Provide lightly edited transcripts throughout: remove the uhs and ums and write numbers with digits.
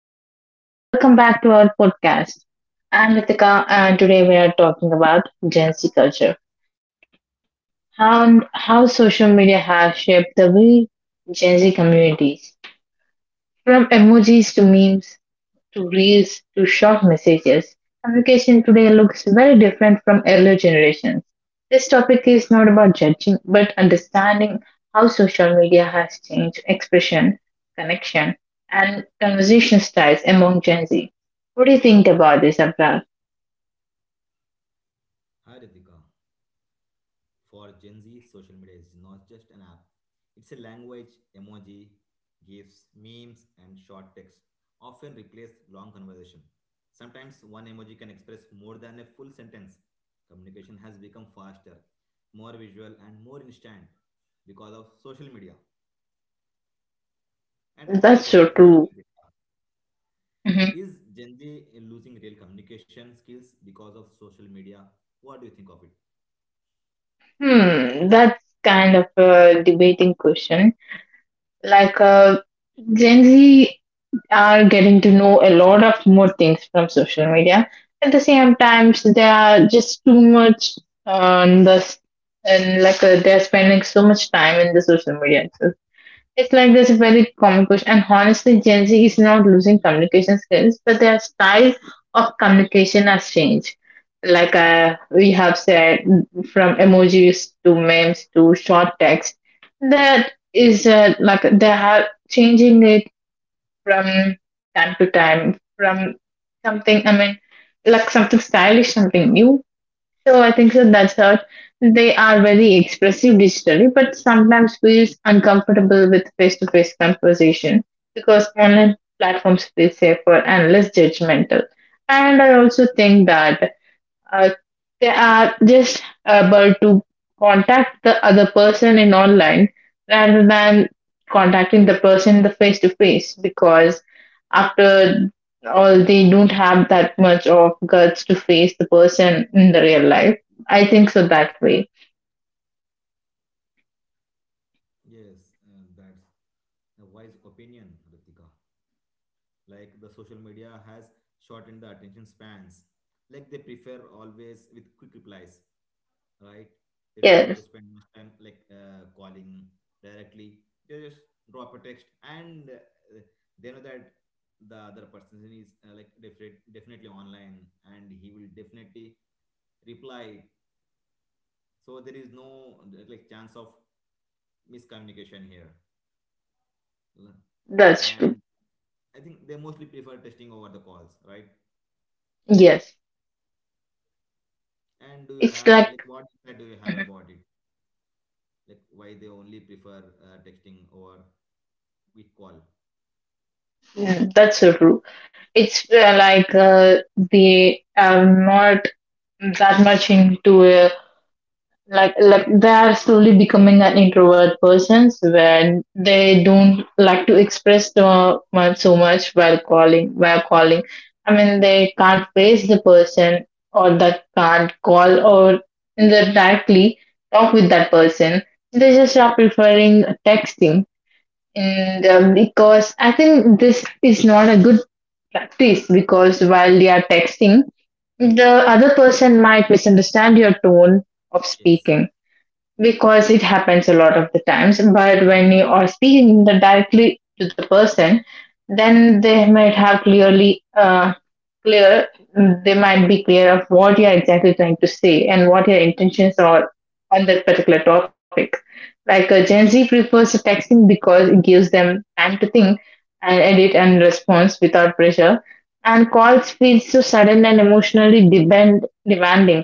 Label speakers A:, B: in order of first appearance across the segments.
A: everyone. Welcome back to our podcast. I'm Ritika, and today we are talking about Gen Z culture, how social media has shaped the way Gen Z communities, from emojis to memes to reels to short messages, communication today looks very different from earlier generations. This topic is not about judging, but understanding how social media has changed expression, connection, and conversation styles among Gen Z. What do you think about this, Abra?
B: Hi Ritika. For Gen Z, social media is not just an app. It's a language, emoji, GIFs, memes, and short text, often replace long conversation. Sometimes one emoji can express more than a full sentence. Communication has become faster, more visual, and more instant because of social media. And I have a
A: That's so
B: question for you,
A: true.
B: Ritika.
A: Mhm.
B: Is Gen Z losing real communication skills because of social media? What do you think of it?
A: That's kind of a debating question. Like, uh, Gen Z are getting to know a lot of more things from social media. At the same time, so they are just too much on the s- and they're spending so much time in the social media itself. It's like there's a very common question, and honestly, Gen Z is not losing communication skills, but their style of communication has changed. We have said, from emojis to memes to short text, that is like they are changing it from time to time from something, like something stylish, something new. So I think so that's how they are very expressive digitally, but sometimes feels uncomfortable with face-to-face conversation because online platforms feel safer and less judgmental. And I also think that uh, they are just able to contact the other person in online rather than contacting the person in the face to face, because after all they don't have that much of guts to face the person in the real life. I think so that way.
B: Yes, that's a wise opinion, Ritika. Like the social media has shortened the attention spans. Like they prefer always with quick replies, right? They don't want
A: Yes.
B: to spend much time like calling directly. They just drop a text, and they know that the other person is like definitely online, and he will definitely reply. So there is no like chance of miscommunication here.
A: That's true.
B: And I think they mostly prefer testing over the calls, right?
A: Yes.
B: And do you
A: It's
B: have
A: like.
B: like what insight do you have
A: Mhm.
B: about it? Like why they only prefer texting over quick call?
A: That's so true. It's they are not that much into uh, they are slowly becoming an introvert persons where they don't like to express the much so much while calling. I mean they can't face the person or that can't call or they directly talk with that person. They just are preferring texting. And because I think this is not a good practice, because while they are texting the other person might misunderstand your tone of
B: Yes,
A: speaking, because it happens a lot of the times. But when you are speaking directly to the person, then they might have clearly clear they might be clear of what you're exactly trying to say and what your intentions are on that particular topic. Gen Z prefers texting because it gives them time to think and edit and response without pressure. And calls feel so sudden and demanding.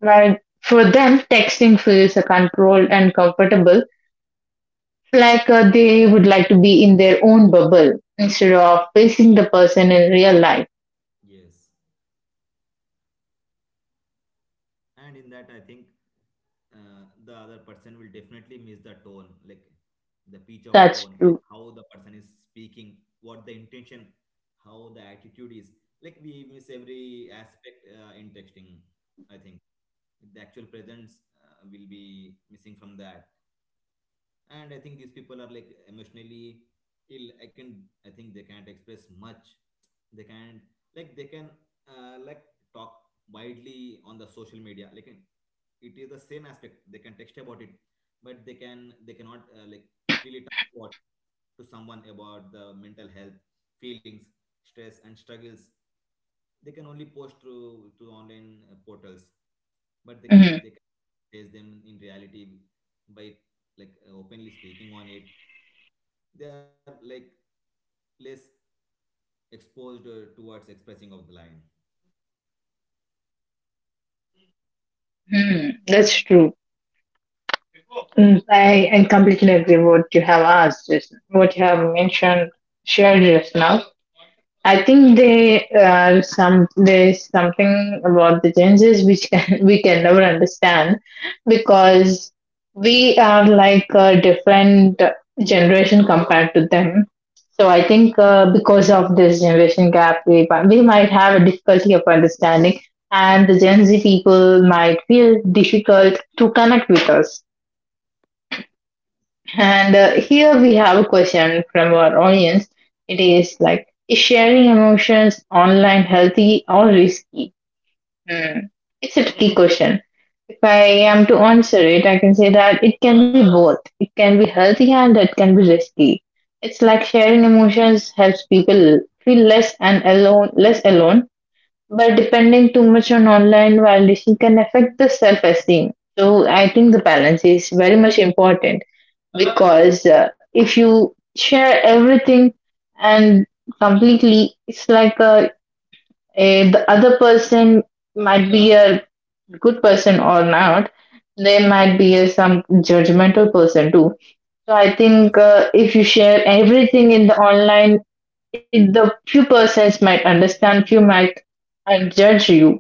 A: While for them, texting feels controlled and comfortable, they would like to be in their own bubble instead of facing the person in real life.
B: yes. And in that, I think the other person will definitely miss the tone, like the pitch of
A: That's
B: tone, like
A: true.
B: how the person is speaking, what the intention, how the attitude is. Like we miss every aspect in texting, I think. Like, the actual presence will be missing from that. And I think these people are like emotionally ill, I think they can't express much, they can't, like they can, like talk widely on the social media. Like it is the same aspect, they can text about it, but they cannot, like freely talk about to someone about the mental health, feelings, stress and struggles. They can only post through online portals, but they can,
A: Mm-hmm.
B: they face them in reality by like openly speaking on it. They are like less exposed towards expressing of the line.
A: Mm, that's true. Mm, I completely agree what you have asked, just what you have mentioned, shared just now. I think they are some there's something about the changes which can, we can never understand, because we are like a different generation compared to them. So I think because of this generation
B: Yes.
A: gap, we might have a difficulty of understanding, and the Gen Z people might feel difficult to connect with us. And
B: Yes.
A: here we have a question from our audience. It is like, is sharing emotions online healthy or risky? Hmm. It's a tricky question. If I am to
B: Yes.
A: answer it, I can say that it can be both. It can be healthy and it can be risky. It's like sharing emotions helps people feel less and alone, less alone, but depending too much on online validation can affect the self esteem. So I think the balance is very much important, because if you share everything and completely, it's like the other person might be a good person or not. They might be a, some judgmental person too. So I think
B: Yes,
A: if you share everything in the online, it, the few persons might understand, few might judge you.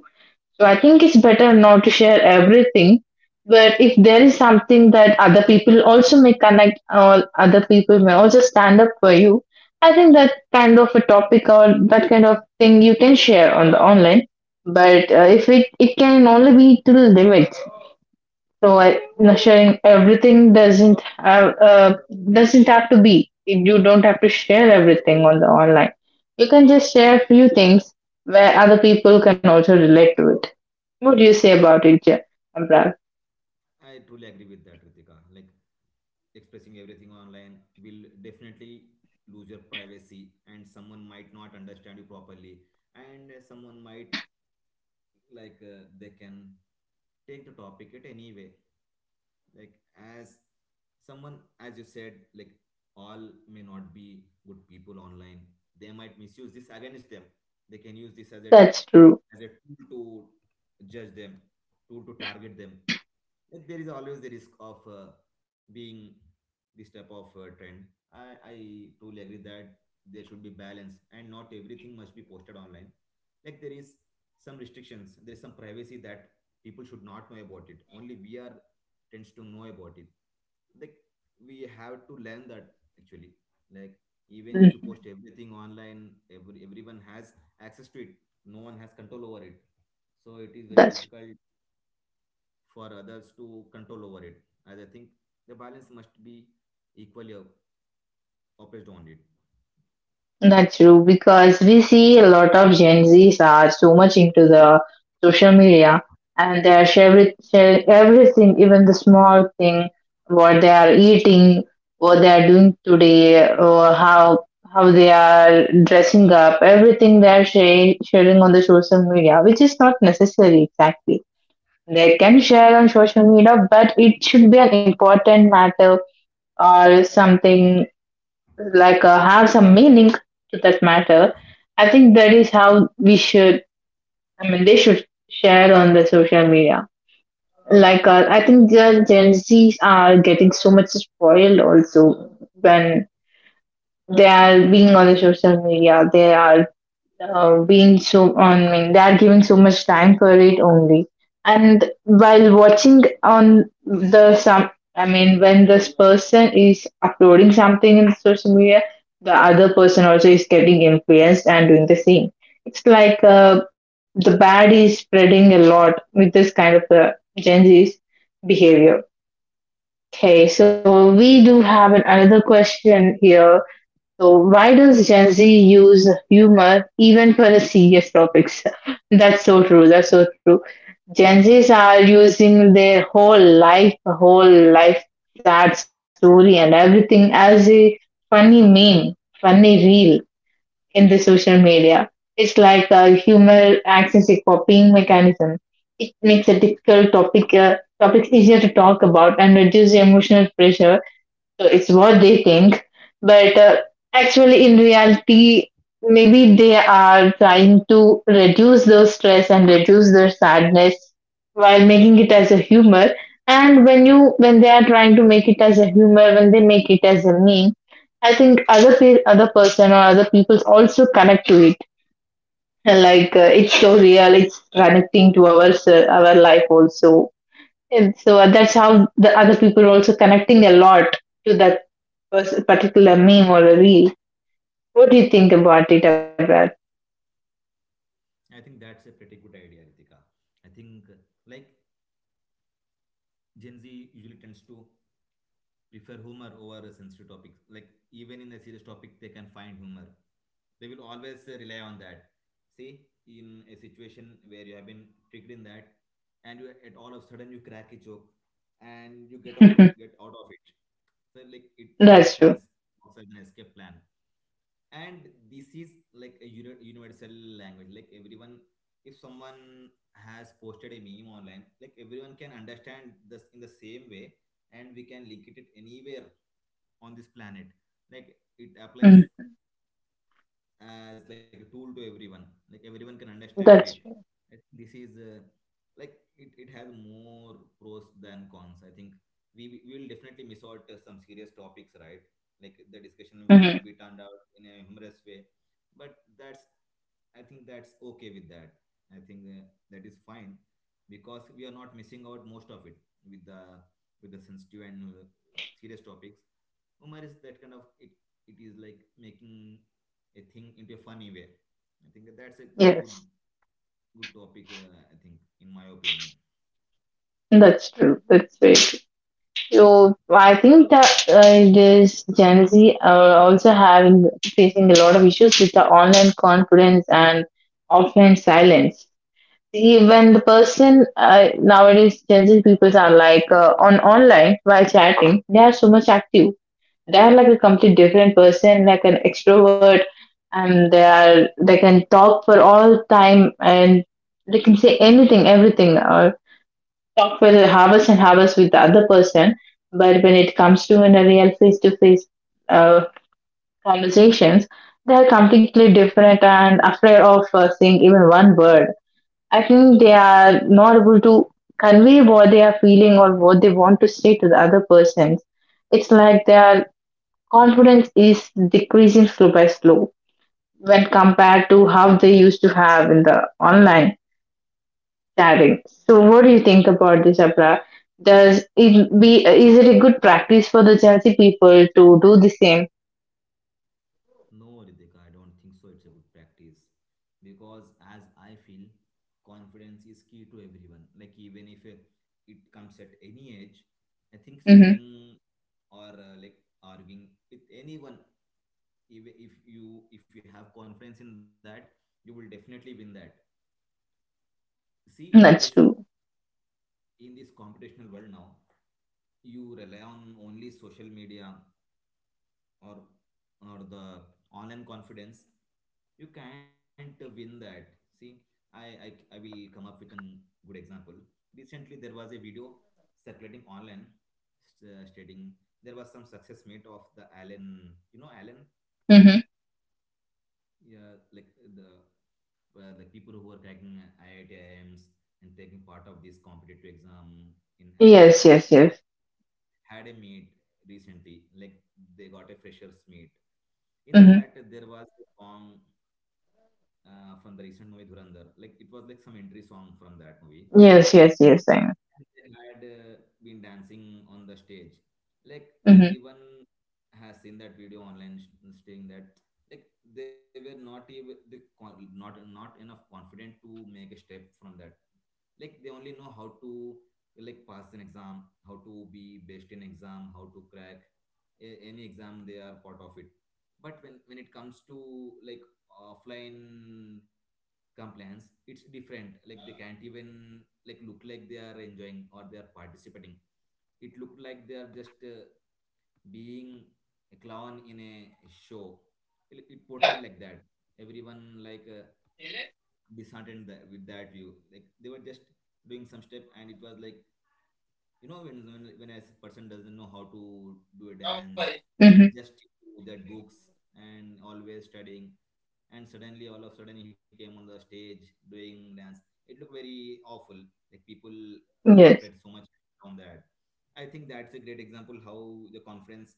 A: So I think it's better not to share everything, but if there is something that other people also may connect or other people may also stand up for you, I think that kind of a topic or that kind of thing you can share on the online. But if it can only be to the limit. So I, sharing everything doesn't have to be. You don't have to share everything on the online. You can just share
B: that's
A: a few things where other people can also relate to it. What do you say
B: yes.
A: about it, Abrar?
B: I truly agree with that, Ritika. Like expressing everything online will definitely lose your privacy, and someone might not understand you properly, and someone might, like they can take the topic at any way, like as someone as you said, like all may not be good people online, they might misuse this against them, they can use this as a,
A: That's true.
B: as a tool to judge them, tool to target them. Like there is always the risk of being this type of trend. I i truly agree that there should be balance and not everything must be posted online. Like there is some restrictions, there's some privacy that people should not know about, it only we are tends to know about it. Like we have to learn that actually, like even if you
A: Mm,
B: post everything online, everyone has access to it, no one has control over it, so it is very
A: That's
B: difficult for others to control over it. As I think the balance must be equally oppressed on it.
A: That's true because we see a lot of Gen Zs are so much into the social media, and they are sharing everything, even the small thing, what they are eating, what they are doing today, or how they are dressing up. Everything they are sharing on the social media, which is not necessary exactly. They can share on social media, but it should be an important matter or something have some meaning to that matter. I think that is how we should, I mean they should share on the social media. I think the Gen Z's are getting so much spoiled also, when they are being on the social media they are being so on, I mean, they are giving so much time for it only. And while watching on the some, I mean when this person is uploading something in social media, the other person also is getting influenced and doing the same. It's like the bad is spreading a lot with this kind of Gen Z's behavior. Okay, so we do have another question here. So, why does Gen Z use humor even for the serious topics? That's so true. That's so true. Gen
B: Yes,
A: Zs
B: yes.
A: are using their whole life, sad story, and everything as a funny meme, funny reel in the social media. It's like a humor acts as a copying mechanism. It makes a difficult topic topics easier to talk about and reduce emotional pressure, so it's what they think. But actually, in reality, maybe they are trying to reduce their stress and reduce their sadness while making it as a humor. And when they are trying to make it as a humor, when they make it as a meme, I think other person or other people also connect to it. It's so real, it's connecting to our life also. And so that's how the other people are also connecting a lot to that particular meme or a reel. What do you think about it, about?
B: I think that's a pretty good idea, Ritika. I think like Gen Z usually tends to prefer humor over a sensitive topic. Like even in a serious topic, they can find humor. They will always rely on that. See, in a situation where you have been tricked in that, and you at all of a sudden you crack a joke, and you get out of it. So like it works
A: That's
B: an
A: true.
B: works as an escape plan. And this is like a universal language, like everyone, if someone has posted a meme online, like everyone can understand this in the same way, and we can link it anywhere on this planet. Like it
A: Mm,
B: applies as like a tool to everyone, like everyone can understand it.
A: that's true.
B: I think this is like it has more pros than cons. I think we will definitely miss out some serious topics, right? Like the discussion will
A: Mhm.
B: be turned out in a humorous way, but that's, I think that's okay with that. I think that is fine because we are not missing out most of it, with the, with the sensitive and serious topics. Humor is that kind of it, it is like making a thing into a funny way. I think that's a good,
A: Yes,
B: good topic. I think, in my opinion.
A: that's true. That's very true. So I think that this Gen Z are also having facing a lot of issues with the online confidence and offline silence. See, when the person nowadays Gen Z people are like on online while chatting, they are so much active. They are like a complete different person, like an extrovert, and they can talk for all time, and they can say anything, everything, or talk for hours and hours with the other person. But when it comes to in a real face to face conversations, they are completely different and afraid of saying even one word. I think they
B: Hmm.
A: are not able to convey what they are feeling or what they want to say to the other person. It's like their confidence is decreasing slow by slow, when compared to how they used to have in the online chatting. So, what do you think about this, Abra? Does it be is it a good practice for the Gen Z people to do the same?
B: No, Ritika, I don't think so. It's a good practice because, as I feel, confidence is key to everyone. Like even if it comes at any age, I think
A: Mm-hmm.
B: speaking or like arguing with anyone, even if you have confidence in that, you will definitely win that. See, in this,
A: That's true.
B: in this computational world now, you rely on only social media or or the online confidence, you can't win that. See, I, I will come up with an good example. Recently there was a video circulating online, stating there was some success mate of the Allen, you know Allen.
A: Mm-hmm.
B: Yeah, like the, like people who are cracking IIT IMs and taking part of this competitive exam in Allen.
A: Yes, yes,
B: Like,
A: yes.
B: had a meet recently, like they got a freshers meet. In
A: Mm-hmm.
B: that, there was a song from the recent movie Dhurandhar. Like it was like some entry song from that movie,
A: Yes, yes, yes. I know.
B: and I had been dancing on the stage. Like
A: Mm-hmm.
B: everyone has seen that video online, saying that like they were not even the not, not enough confident to make a step from that. Like they only know how to like pass an exam, how to be best in exam, how to crack any exam. They are part of it. But when it comes to like offline compliance, it's different. Like they can't even like look like they are enjoying or they are participating. It looked like they are just being a clown in a show. It portrayed like that, everyone like disheartened that, with that view. Like they were just doing some step, and it was like, you know when when a person doesn't know how to do a dance, he just do that books and always studying, and suddenly all of a sudden he came on the stage doing dance. It looked very awful. Like people
A: Mm-hmm.
B: spread so much on that. I think that's a great example how the conference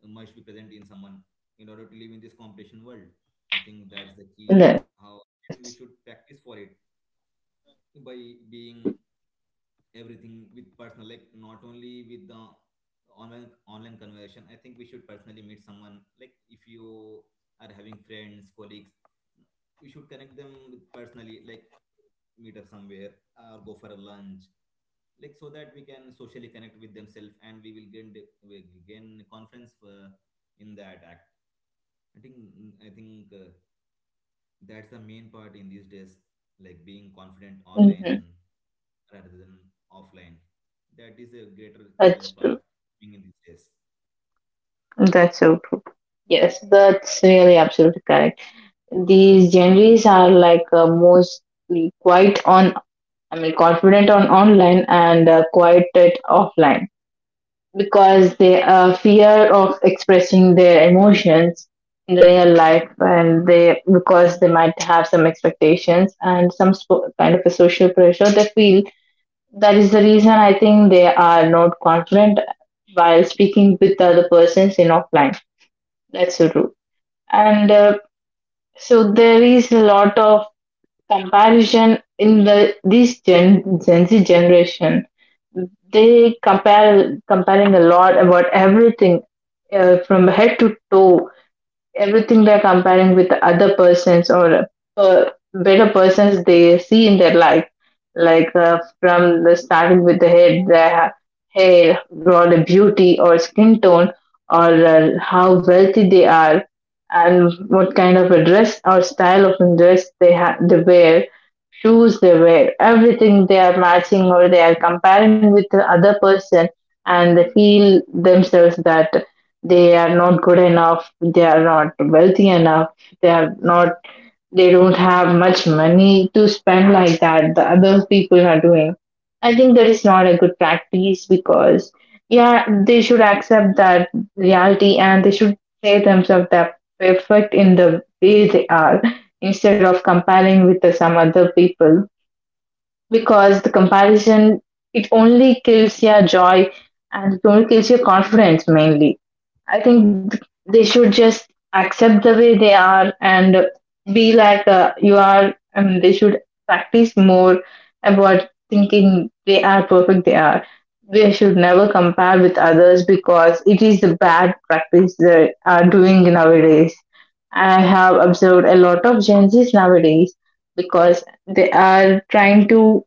B: must be present in someone in order to live in this competition world. I think that's the key,
A: Yes,
B: how we should practice for it by being everything with personal, like not only with the online conversation. I think we should personally meet someone, like if you are having friends, colleagues, we should connect them with personally, like meet up somewhere, or go for a lunch, like so that we can socially connect with themselves, and we gain conference for in that act. I think i think that's the main part in these days, like being confident
A: yes.
B: online rather than offline, that is a greater challenge
A: That's
B: part,
A: true.
B: being in these days.
A: That's so true. Yes, that's really absolutely correct. These Gen Zs are like mostly quite on, I mean, confident on online and quite at offline, because they are fear of expressing their emotions in the real life, and they because they might have some expectations and kind of a social pressure they feel. That is the reason I think they are not confident while speaking with other persons in offline. That's so true. And so there is a lot of comparison in Gen Z generation. They compare comparing a lot about everything from head to toe, everything they're comparing with the other persons, or uh, better persons they see in their life, like from the starting with the head, their hair or the beauty or skin tone, or how wealthy they are, and what kind of a dress or style of dress they have they wear, shoes they wear, everything they are matching or they are comparing with the other person. And they feel themselves that they are not good enough, they are not wealthy enough, they are not, they don't have much money to spend like that the other people are doing. I think that is not a good practice because, yeah, they should accept that reality, and they should say themselves that perfect in the way they are instead of comparing with the some other people. Because the comparison, it only kills your joy and it only kills your confidence, mainly. I think they should just accept the way they are and be like, you are. And they should practice more about thinking they are perfect. They are. They should never compare with others because it is the bad practice they are doing nowadays. I have observed a lot of Gen Zs nowadays because they are trying to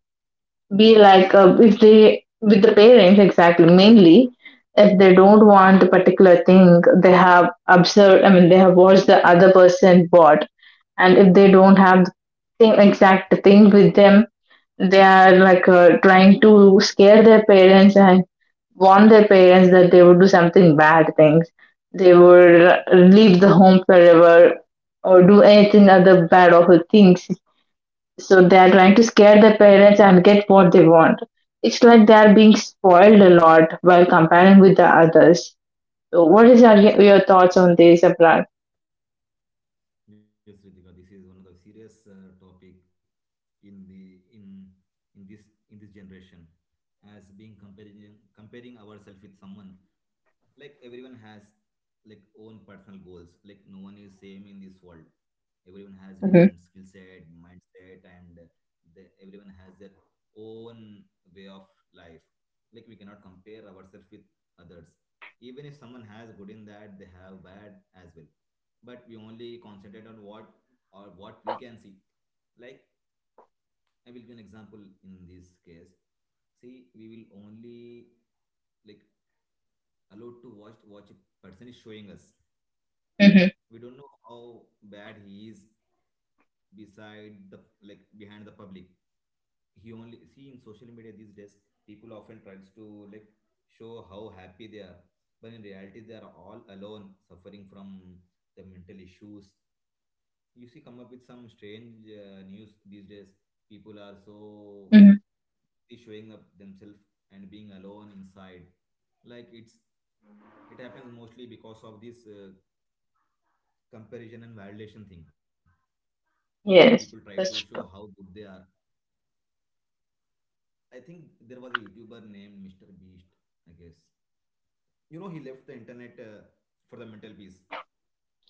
A: be like, if they with the parents exactly mainly, if they don't want the particular thing they have observed, I mean they have watched the other person bought, and if they don't have the same exact thing with them, they are like, trying to scare their parents and warn their parents that they would do something bad things, they would leave the home forever, or do anything other bad awful things. So they are trying to
B: Mhm.
A: scare their parents and get what they want. It's like they are being spoiled a lot while comparing with the others. So what is your thoughts on this, Abrar?
B: Yes, Ritika, this is one of the serious topic in the, in in this in this generation, as being comparing ourselves with someone. Like everyone has like own personal goals, like no one is same in this world, everyone has different
A: Mm-hmm.
B: skill set, mindset, and the, everyone has their own way of life. Like we cannot compare ourselves with others, even if someone has good in that, they have bad as well, but we only concentrate on what, or what we can see. Like I will give an example in this case. See, we will only like allowed to watch what a person is showing us.
A: Mm-hmm.
B: We don't know how bad he is beside the, like behind the public. He only see in social media these days, people often tries to like show how happy they are, but in reality they are all alone suffering from the mental issues. You see, come up with some strange news these days. People are so,
A: Hmm.
B: they showing up themselves and being alone inside. Like it's, it happens mostly because of this comparison and validation thing. Like people try to
A: Yes,
B: show how
A: that's
B: good they
A: true.
B: are. I think there was a YouTuber named Mr. Beast, I guess. You know, he left the internet for the mental peace.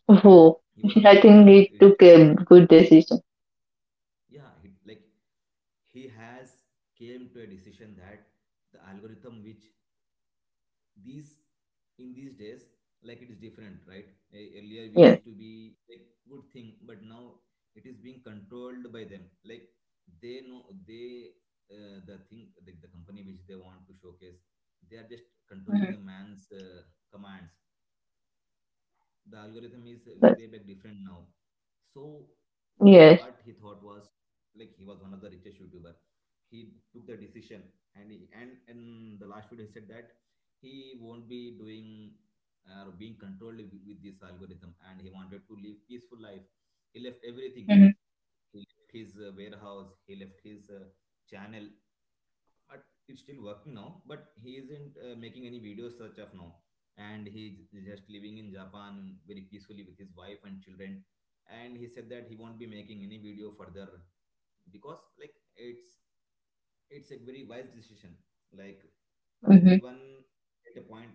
A: Oh,
B: He was one of
A: I
B: the
A: think
B: like
A: they
B: richest
A: took a
B: YouTuber.
A: good decision.
B: Yeah, he, like he has came to a decision that the algorithm which these, in these days, like it is different, right? Earlier we
A: Yes.
B: used to be like good thing, but now it is being controlled by them. Like they know they, the thing the company which they want to showcase, they are just
A: Hmm.
B: controlling the man's commands. The algorithm is
A: That's,
B: way back different now. So what he
A: yes.
B: thought was, like, he was one of the richest YouTuber. He took the decision and in the last video he said that he won't be doing or being controlled with this algorithm, and he wanted to live peaceful life. He left everything.
A: Mm-hmm.
B: He left his warehouse. He left his channel, but it's still working now, but he isn't making any videos such of now, and he's just living in Japan very peacefully with his wife and children. And he said that he won't be making any video further because like it's a very wise decision. Like
A: Hmm.
B: everyone at a point,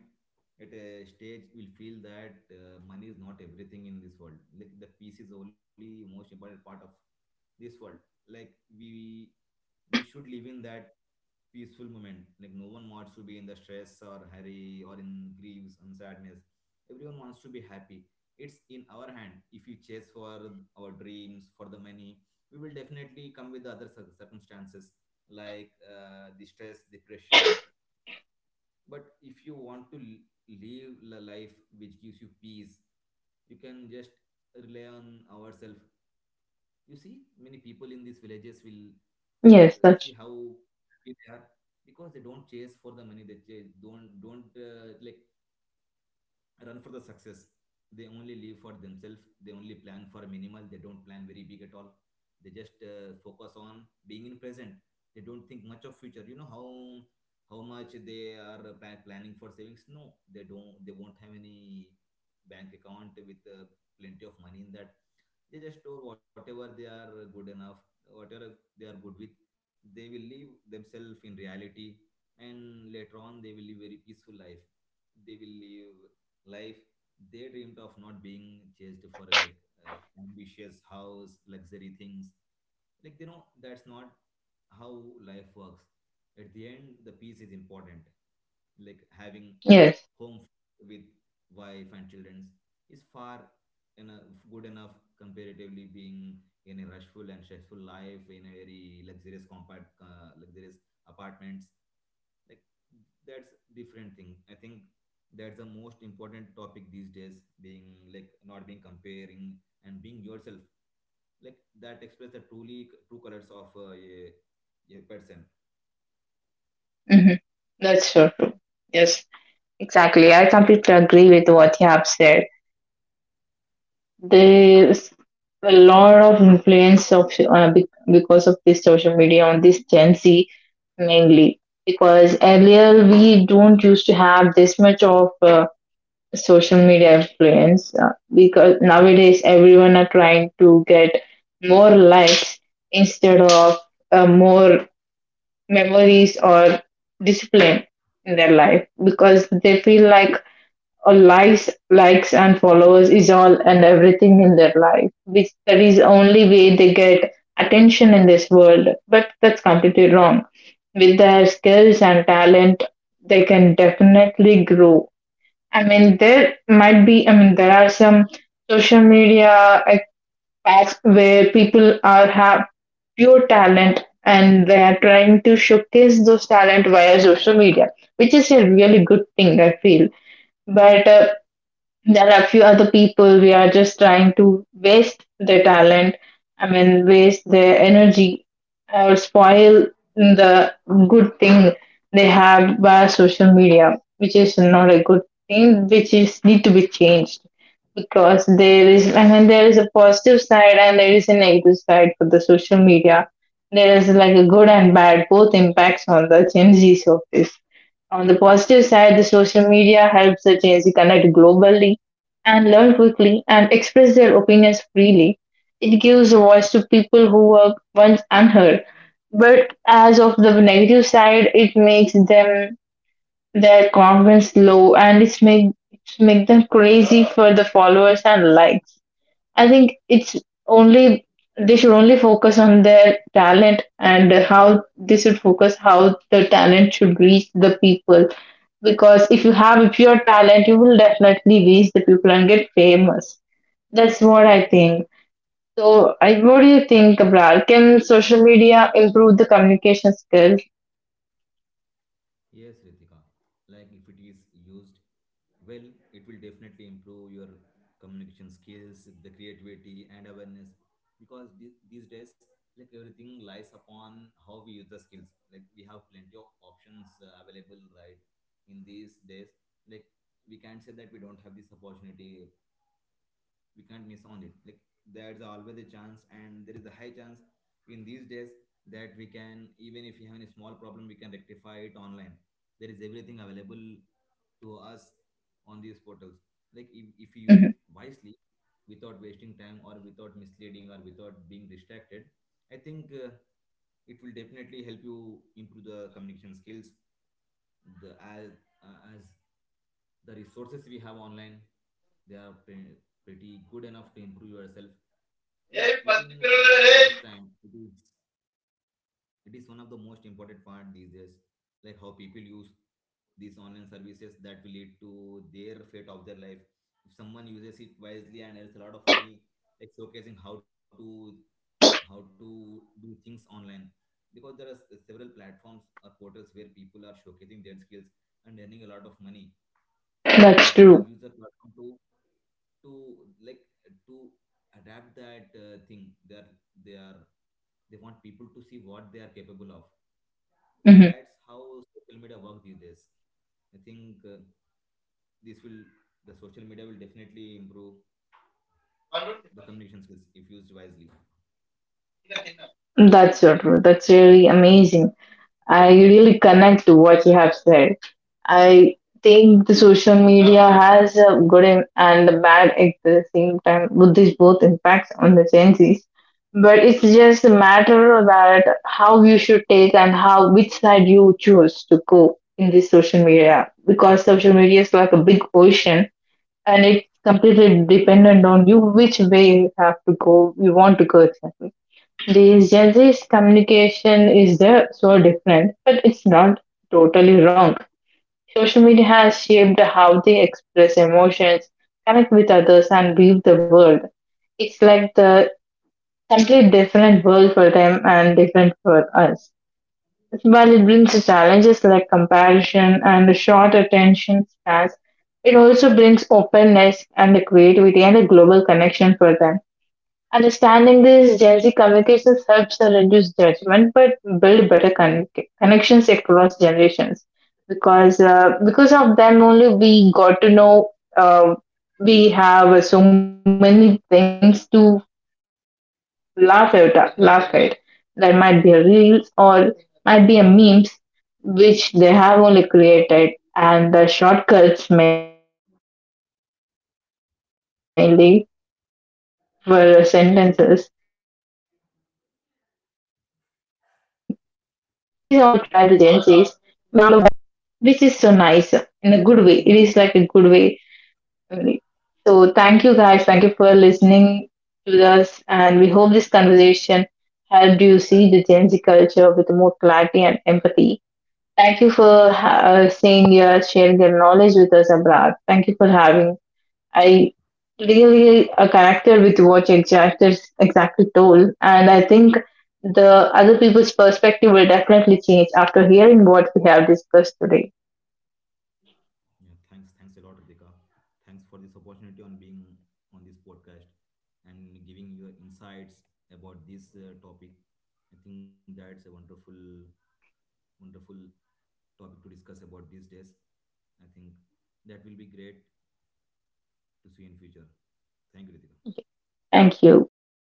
B: at a stage will feel that money is not everything in this world. Like the peace is only most important part of this world. Like we we should live in that peaceful moment. Like no one wants to be in the stress or hurry or in griefs and sadness. Everyone wants to be happy. It's in our hand. If you chase for our dreams, for the money, we will definitely come with the other circumstances, like the stress, the pressure, but if you want to live a life which gives you peace, you can just rely on ourselves. You see many people in these villages will see
A: Yes,
B: how
A: that's
B: happy they are, because they don't chase for the money, they chase don't like run for the success. They only live for themselves. They only plan for minimal. They don't plan very big at all. They just focus on being in present. They don't think much of future. You know how much they are planning for savings. No, they don't. They won't have any bank account with plenty of money in that. They just store whatever they are good enough, whatever they are good with. They will live themselves in reality, and later on they will live very peaceful life. They will live life they dreamed of, not being chased for, like, ambitious house, luxury things. Like they know that's not how life works. At the end, the peace is important, like having
A: yes.
B: home with wife and children is far enough, good enough, comparatively being in a rushful and stressful life in a very luxurious compact luxurious apartments. Like that's different thing, I think. That's the most important topic these days, being like not being comparing and being yourself. Like that express the truly true colors of a person.
A: Hmm. That's so true. Yes, exactly. I completely agree with what you have said. There's a lot of influence of because of this social media on this Gen Z, mainly, because earlier we don't used to have this much of social media influence, because nowadays everyone are trying to get more likes instead of more memories or discipline in their life, because they feel like, or likes, and followers is all and everything in their life, which that is only way they get attention in this world, but that's completely wrong. With their skills and talent they can definitely grow. I mean there are some social media accounts where people are have pure talent and they are trying to showcase those talent via social media, which is a really good thing I feel. But there are a few other people we are just trying to waste their talent, I mean, waste their energy, or spoil the good thing they have via social media, which is not a good thing, which is need to be changed. Because there is, I mean, there is a positive side and there is a negative side for the social media. There is like a good and bad, both impacts on the Gen Z surface. On the positive side, the social media helps the Gen Z connect globally and learn quickly and express their opinions freely. It gives a voice to people who were once unheard. But as of the negative side, it makes them their confidence low, and it's make, it's make them crazy for the followers and likes. I think it's only, they should only focus on their talent and how they should focus how the talent should reach the people. Because if you have a pure talent, you will definitely reach the people and get famous. That's what I think. So, I, what do you think, Abrar? Can social media improve the communication skills?
B: Yes, Ritika. Like if it is used well, it will definitely improve your communication skills, the creativity and awareness. Because these days, like everything lies upon how we use the skills. Like we have plenty of options available, right? In these days, like we can't say that we don't have this opportunity, we can't miss on it. Like there's always a chance, and there is a high chance in these days that we can, even if we have any small problem, we can rectify it online. There is everything available to us on these portals. Like if you use it
A: Mhm.
B: wisely, without wasting time or without misleading or without being distracted, I think it will definitely help you improve the communication skills. The as the resources we have online, they are pretty good enough to improve yourself with within like less time. It is one of the most important part these days, like how people use these online services that will lead to their fate of their life. If someone uses it wisely and earns a lot of money, like showcasing how to do things online, because there are several platforms or portals where people are showcasing their skills and earning a lot of money, and they
A: That's
B: have
A: true.
B: user platform to like to adapt that thing. They are they are they want people to see what they are capable of.
A: Hmm.
B: That's how social media work these days. I think this will, the social media will definitely improve the communication skills if used wisely.
A: That's so true. That's really amazing. I really connect to what you have said. I think the social media has a good in- and a bad at the same time, with these both impacts on the Gen Zs. But it's just a matter about how you should take and how which side you choose to go in this social media, because social media is like a big ocean, and it's completely dependent on you which way you have to go, you want to go. These Gen Z's communication is there so different, but it's not totally wrong. Social media has shaped how they express emotions, connect with others, and view the world. It's like the complete different world for them and different for us. While it brings challenges like comparison and the short attention spans, it also brings openness and the creativity and a global connection for them. Understanding this Gen Z communications helps us reduce judgment, but build better connections across generations. Because of them only, we got to know, uh, we have so many things to laugh at. Laugh at. There might be a reels or might be a memes which they have only created, and the shortcuts mainly for sentences and emojis exactly. These all were created by the Gen Zs, which are now being used by world, or all over the world, which is so nice in a good way. It is like a good way only. So thank you guys. Thank you for
B: Mm.
A: listening to us, and we hope this conversation helped you see the Gen Z culture with more clarity and empathy. Thank you for sharing your knowledge with us, Abrat. Thank you for having I really connected with what you exactly, exactly told, and I think the other people's perspective will definitely change after hearing what we have discussed today.
B: Yeah, thanks. Thanks a lot, Ritika. Thanks for this opportunity on being on this podcast and giving your insights about this topic. I think that's a wonderful, wonderful topic to discuss about these days. I think that will be great to see in future. Thank you, Ritika.
A: Thank you.